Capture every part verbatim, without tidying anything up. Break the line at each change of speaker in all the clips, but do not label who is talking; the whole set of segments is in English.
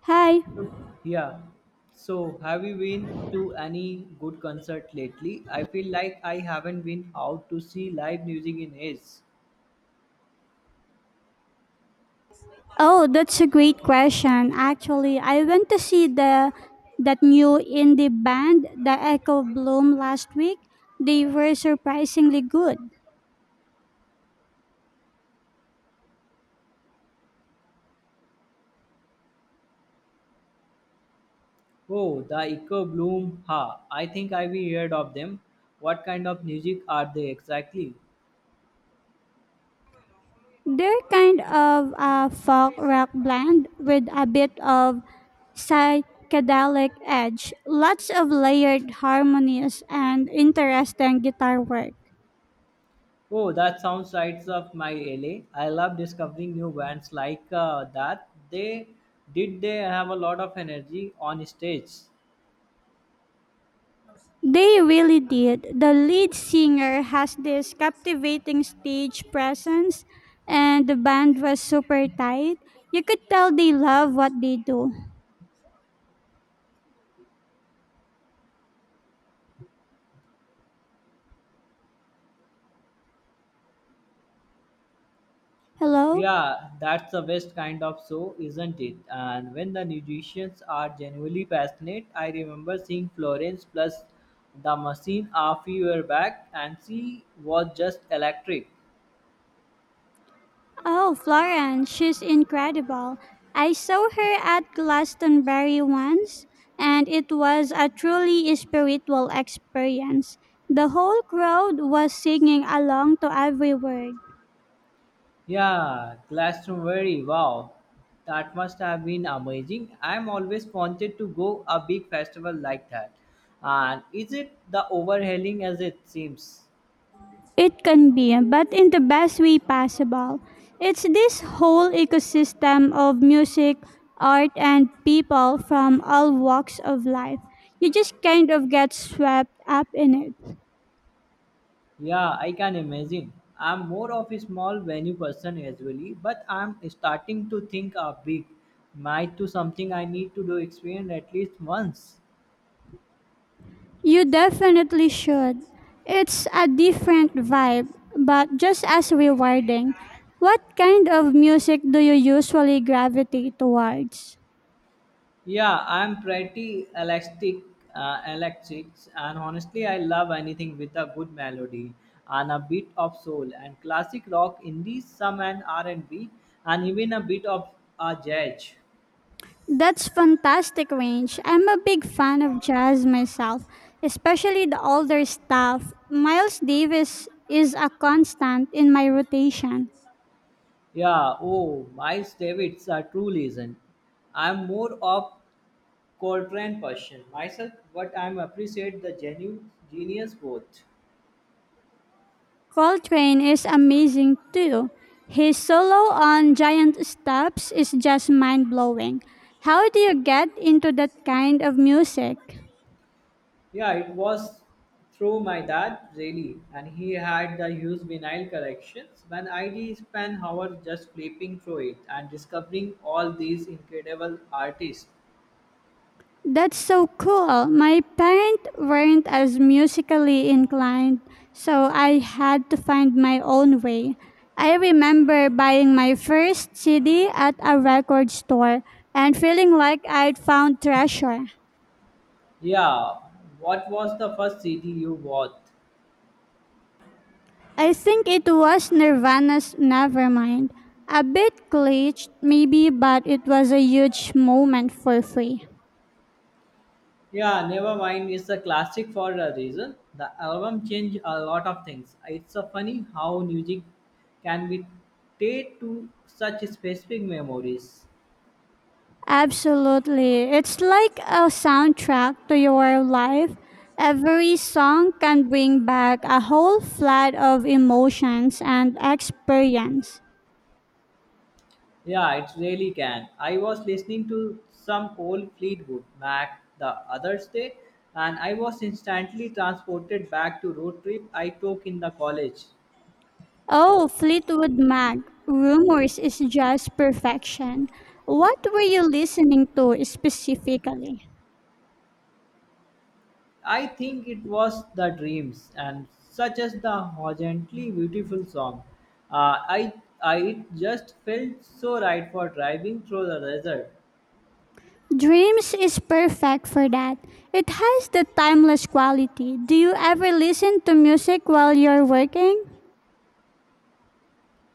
Hi.
So, yeah. So, have you been to any good concert lately? I feel like I haven't been out to see live music in ages.
Oh, that's a great question. Actually, I went to see the that new indie band, the Echo Bloom, last week. They were surprisingly good.
Oh, the Echo Bloom. Ha. I think I've heard of them. What kind of music are they exactly?
They're kind of a folk rock blend with a bit of psychedelic edge, lots of layered harmonies and interesting guitar work.
Oh, that sounds right up my alley. I love discovering new bands like uh, that. They did they have a lot of energy on stage.
They really did. The lead singer has this captivating stage presence, and the band was super tight. You could tell they love what they do. Hello?
Yeah, that's the best kind of show, isn't it? And when the musicians are genuinely passionate, I remember seeing Florence plus the machine a few year back, and she was just electric.
Oh, Florence, she's incredible. I saw her at Glastonbury once, and it was a truly spiritual experience. The whole crowd was singing along to every word.
Yeah, Glastonbury, wow, that must have been amazing. I'm always wanted to go a big festival like that. And is it the overhauling as it seems?
It can be, but in the best way possible. It's this whole ecosystem of music, art, and people from all walks of life. You just kind of get swept up in it.
Yeah, I can imagine. I'm more of a small venue person usually, but I'm starting to think a big might to something I need to do experience at least once.
You definitely should. It's a different vibe, but just as rewarding. What kind of music do you usually gravitate towards?
Yeah, I'm pretty elastic, uh, electric, and honestly, I love anything with a good melody and a bit of soul and classic rock, indie, some and R and B, and B, and even a bit of a jazz.
That's fantastic range. I'm a big fan of jazz myself, especially the older stuff. Miles Davis is a constant in my rotation.
Yeah, oh, Miles Davis, a true legend. I'm more of Coltrane Persian myself, but I am appreciate the genuine genius both.
Coltrane is amazing too. His solo on Giant Steps is just mind blowing. How do you get into that kind of music?
Yeah, it was through my dad really, and he had the huge vinyl collections. When I did spend hours just flipping through it and discovering all these incredible artists.
That's so cool. My parents weren't as musically inclined, so I had to find my own way. I remember buying my first C D at a record store and feeling like I'd found treasure.
Yeah, what was the first C D you bought?
I think it was Nirvana's Nevermind. A bit glitched, maybe, but it was a huge moment for free.
Yeah, Nevermind is a classic for a reason. The album changed a lot of things. It's a funny how music can be tied to such specific memories.
Absolutely. It's like a soundtrack to your life. Every song can bring back a whole flood of emotions and experience.
Yeah, it really can. I was listening to some old Fleetwood Mac the other day, and I was instantly transported back to road trip I took in the college.
Oh, Fleetwood Mac, Rumors is just perfection. What were you listening to specifically?
I think it was the dreams and such as the horizontally beautiful song. Uh, I, I it just felt so right for driving through the desert.
Dreams is perfect for that. It has the timeless quality. Do you ever listen to music while you're working?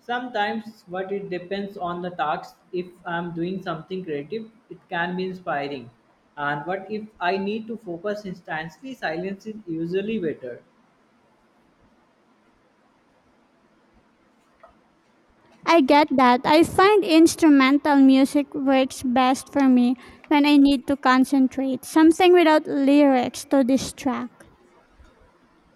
Sometimes, but it depends on the task. If I'm doing something creative, it can be inspiring. And but if I need to focus instantly, silence is usually better.
I get that. I find instrumental music works best for me when I need to concentrate, something without lyrics to distract.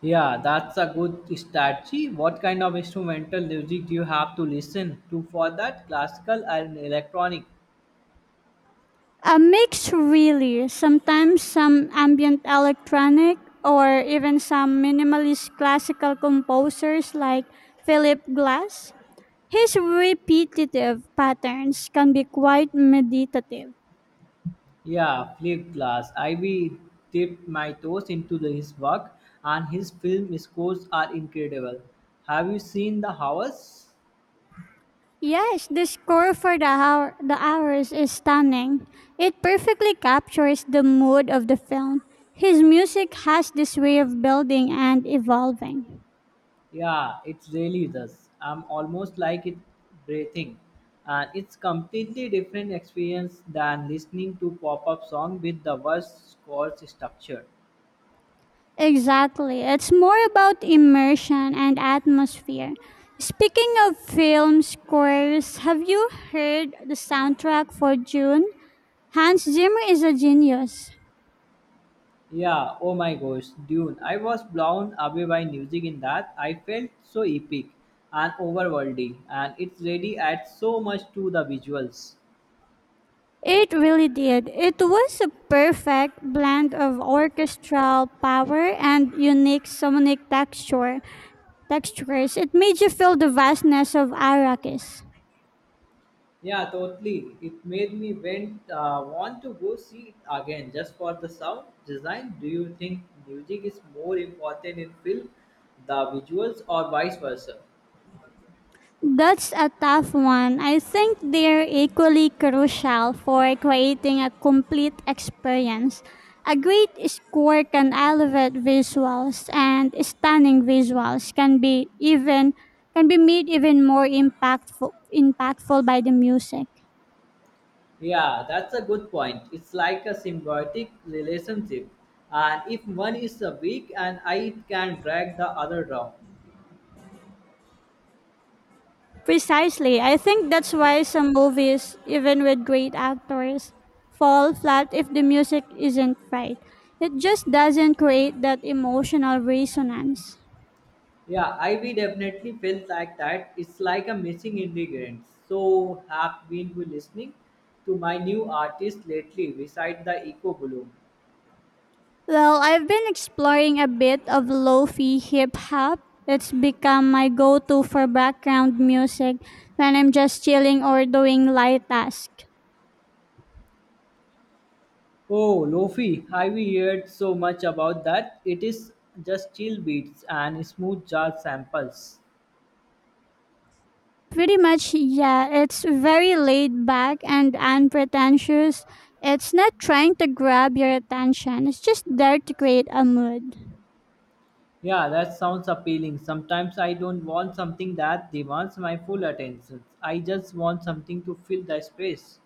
Yeah, that's a good strategy. What kind of instrumental music do you have to listen to for that? Classical and electronic?
A mix, really. Sometimes some ambient electronic or even some minimalist classical composers like Philip Glass. His repetitive patterns can be quite meditative.
Yeah, flip glass. Ivy dipped my toes into the- his work, and his film scores are incredible. Have you seen The Hours?
Yes, the score for the hour, the hours is stunning. It perfectly captures the mood of the film. His music has this way of building and evolving.
Yeah, it really does. I'm almost like it breathing. And it's completely different experience than listening to pop-up song with the worst score structure.
Exactly. It's more about immersion and atmosphere. Speaking of film scores, have you heard the soundtrack for June? Hans Zimmer is a genius.
Yeah, oh my gosh, Dune. I was blown away by music in that. I felt so epic and overworldy, and it really adds so much to the visuals.
It really did. It was a perfect blend of orchestral power and unique sonic texture. Textures. It made you feel the vastness of Arrakis.
Yeah, totally. It made me went, uh, want to go see it again just for the sound design. Do you think music is more important in film, the visuals, or vice versa?
That's a tough one. I think they're equally crucial for creating a complete experience. A great score can elevate visuals, and stunning visuals can be even can be made even more impactful impactful by the music.
Yeah, that's a good point. It's like a symbiotic relationship. And if one is uh, weak and I can drag the other down.
Precisely. I think that's why some movies, even with great actors, fall flat if the music isn't right. It just doesn't create that emotional resonance.
Yeah, I we definitely felt like that. It's like a missing ingredient. So have been you listening to my new artist lately beside the Eco Bloom.
Well, I've been exploring a bit of lo-fi hip hop. It's become my go-to for background music when I'm just chilling or doing light tasks.
Oh Lofi, have we heard so much about that? It is just chill beats and smooth jazz samples.
Pretty much, yeah. It's very laid back and unpretentious. It's not trying to grab your attention, it's just there to create a mood.
Yeah, that sounds appealing. Sometimes I don't want something that demands my full attention. I just want something to fill the space.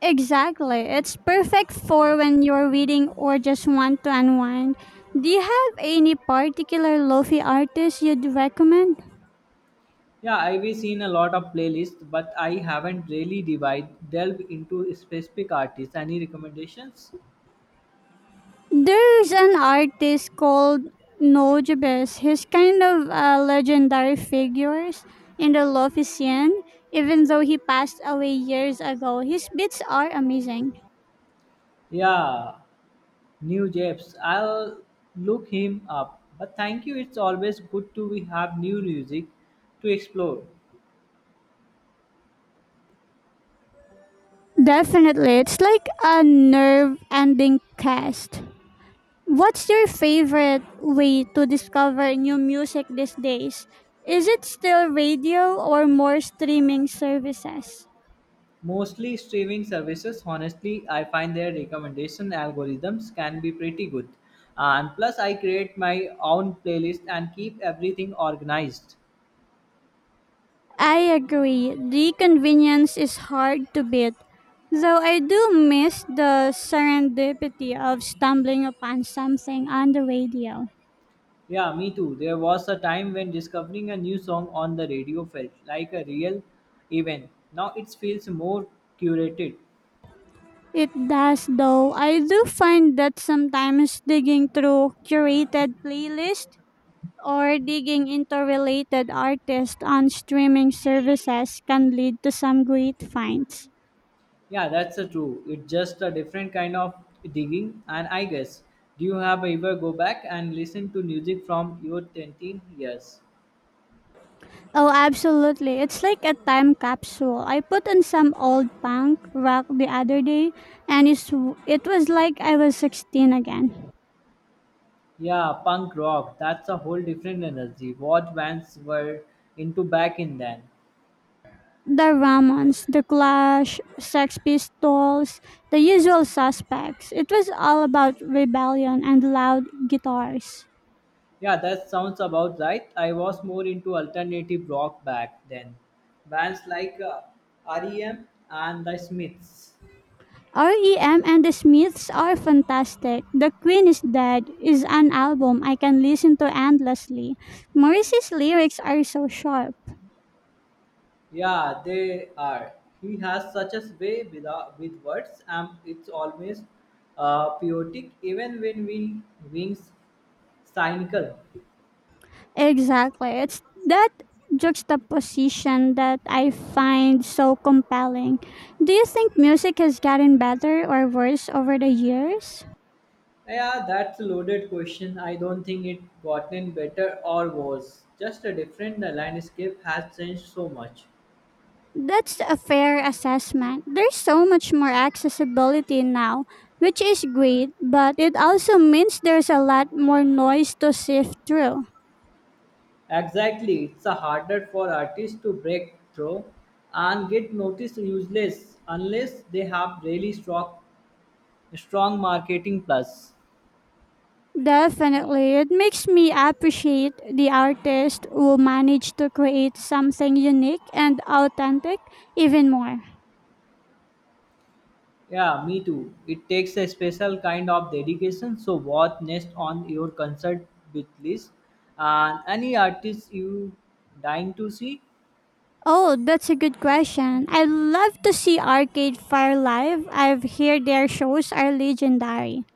Exactly. It's perfect for when you're reading or just want to unwind. Do you have any particular lofi artist you'd recommend?
Yeah, I've seen a lot of playlists, but I haven't really divide delve into specific artists. Any recommendations?
There's an artist called Nojabes. He's kind of a legendary figure in the lofi scene. Even though he passed away years ago, his beats are amazing.
Yeah, new Jeps. I'll look him up. But thank you. It's always good to we have new music to explore.
Definitely, it's like a nerve-ending cast. What's your favorite way to discover new music these days? Is it still radio or more streaming services?
Mostly streaming services, honestly, I find their recommendation algorithms can be pretty good. And plus, I create my own playlist and keep everything organized.
I agree. The convenience is hard to beat, though I do miss the serendipity of stumbling upon something on the radio.
Yeah, me too. There was a time when discovering a new song on the radio felt like a real event. Now it feels more curated.
It does, though. I do find that sometimes digging through curated playlists or digging into related artists on streaming services can lead to some great finds.
Yeah, that's a true. It's just a different kind of digging, and I guess. Do you have ever go back and listen to music from your ten years?
Oh, absolutely. It's like a time capsule. I put on some old punk rock the other day, and it's, it was like I was sixteen again.
Yeah, punk rock. That's a whole different energy. What bands were into back in then?
The Ramones, The Clash, Sex Pistols, the usual suspects. It was all about rebellion and loud guitars.
Yeah, that sounds about right. I was more into alternative rock back then. Bands like uh, R E M and The Smiths.
R E M and the Smiths are fantastic. The Queen is Dead is an album I can listen to endlessly. Morrissey's lyrics are so sharp.
Yeah, they are. He has such a way with, uh, with words, and it's always uh, poetic, even when we wings cynical.
Exactly. It's that juxtaposition that I find so compelling. Do you think music has gotten better or worse over the years?
Yeah, that's a loaded question. I don't think it gotten better or worse. Just a different the landscape has changed so much.
That's a fair assessment. There's so much more accessibility now, which is great, but it also means there's a lot more noise to sift through.
Exactly, it's a harder for artists to break through and get noticed useless unless they have really strong strong marketing plus.
Definitely. It makes me appreciate the artist who managed to create something unique and authentic even more.
Yeah, me too. It takes a special kind of dedication. So what next on your concert with list and any artist you dying to see?
Oh, that's a good question. I love to see Arcade Fire live. I've heard their shows are legendary.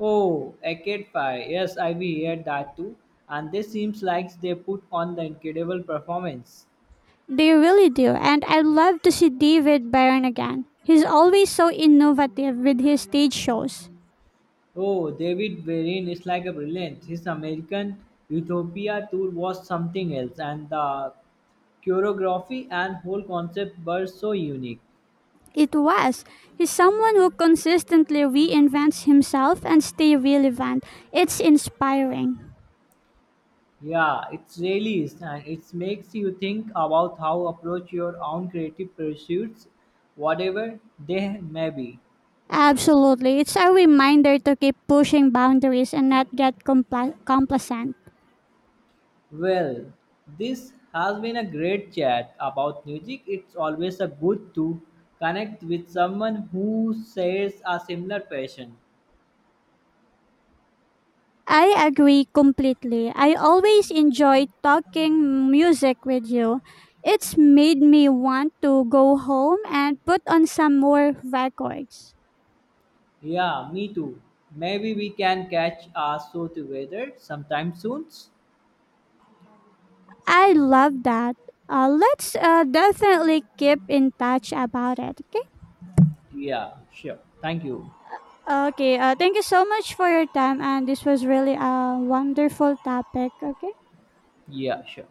Oh, Arcade Fire. Yes, I've heard that too. And this seems like they put on the incredible performance.
They really do, and I love to see David Byrne again. He's always so innovative with his stage shows.
Oh, David Varian is like a brilliant. His American Utopia tour was something else, and the choreography and whole concept were so unique.
It was. He's someone who consistently reinvents himself and stay relevant. It's inspiring.
Yeah, it really is, and it makes you think about how approach your own creative pursuits, whatever they may be.
Absolutely. It's a reminder to keep pushing boundaries and not get compla- complacent.
Well, this has been a great chat about music. It's always a good to connect with someone who shares a similar passion.
I agree completely. I always enjoy talking music with you. It's made me want to go home and put on some more records.
Yeah, me too. Maybe we can catch our show together sometime soon.
I love that. Uh, let's uh, definitely keep in touch about it, okay?
Yeah, sure. Thank you.
Okay, uh, thank you so much for your time, and this was really a wonderful topic, okay?
Yeah, sure.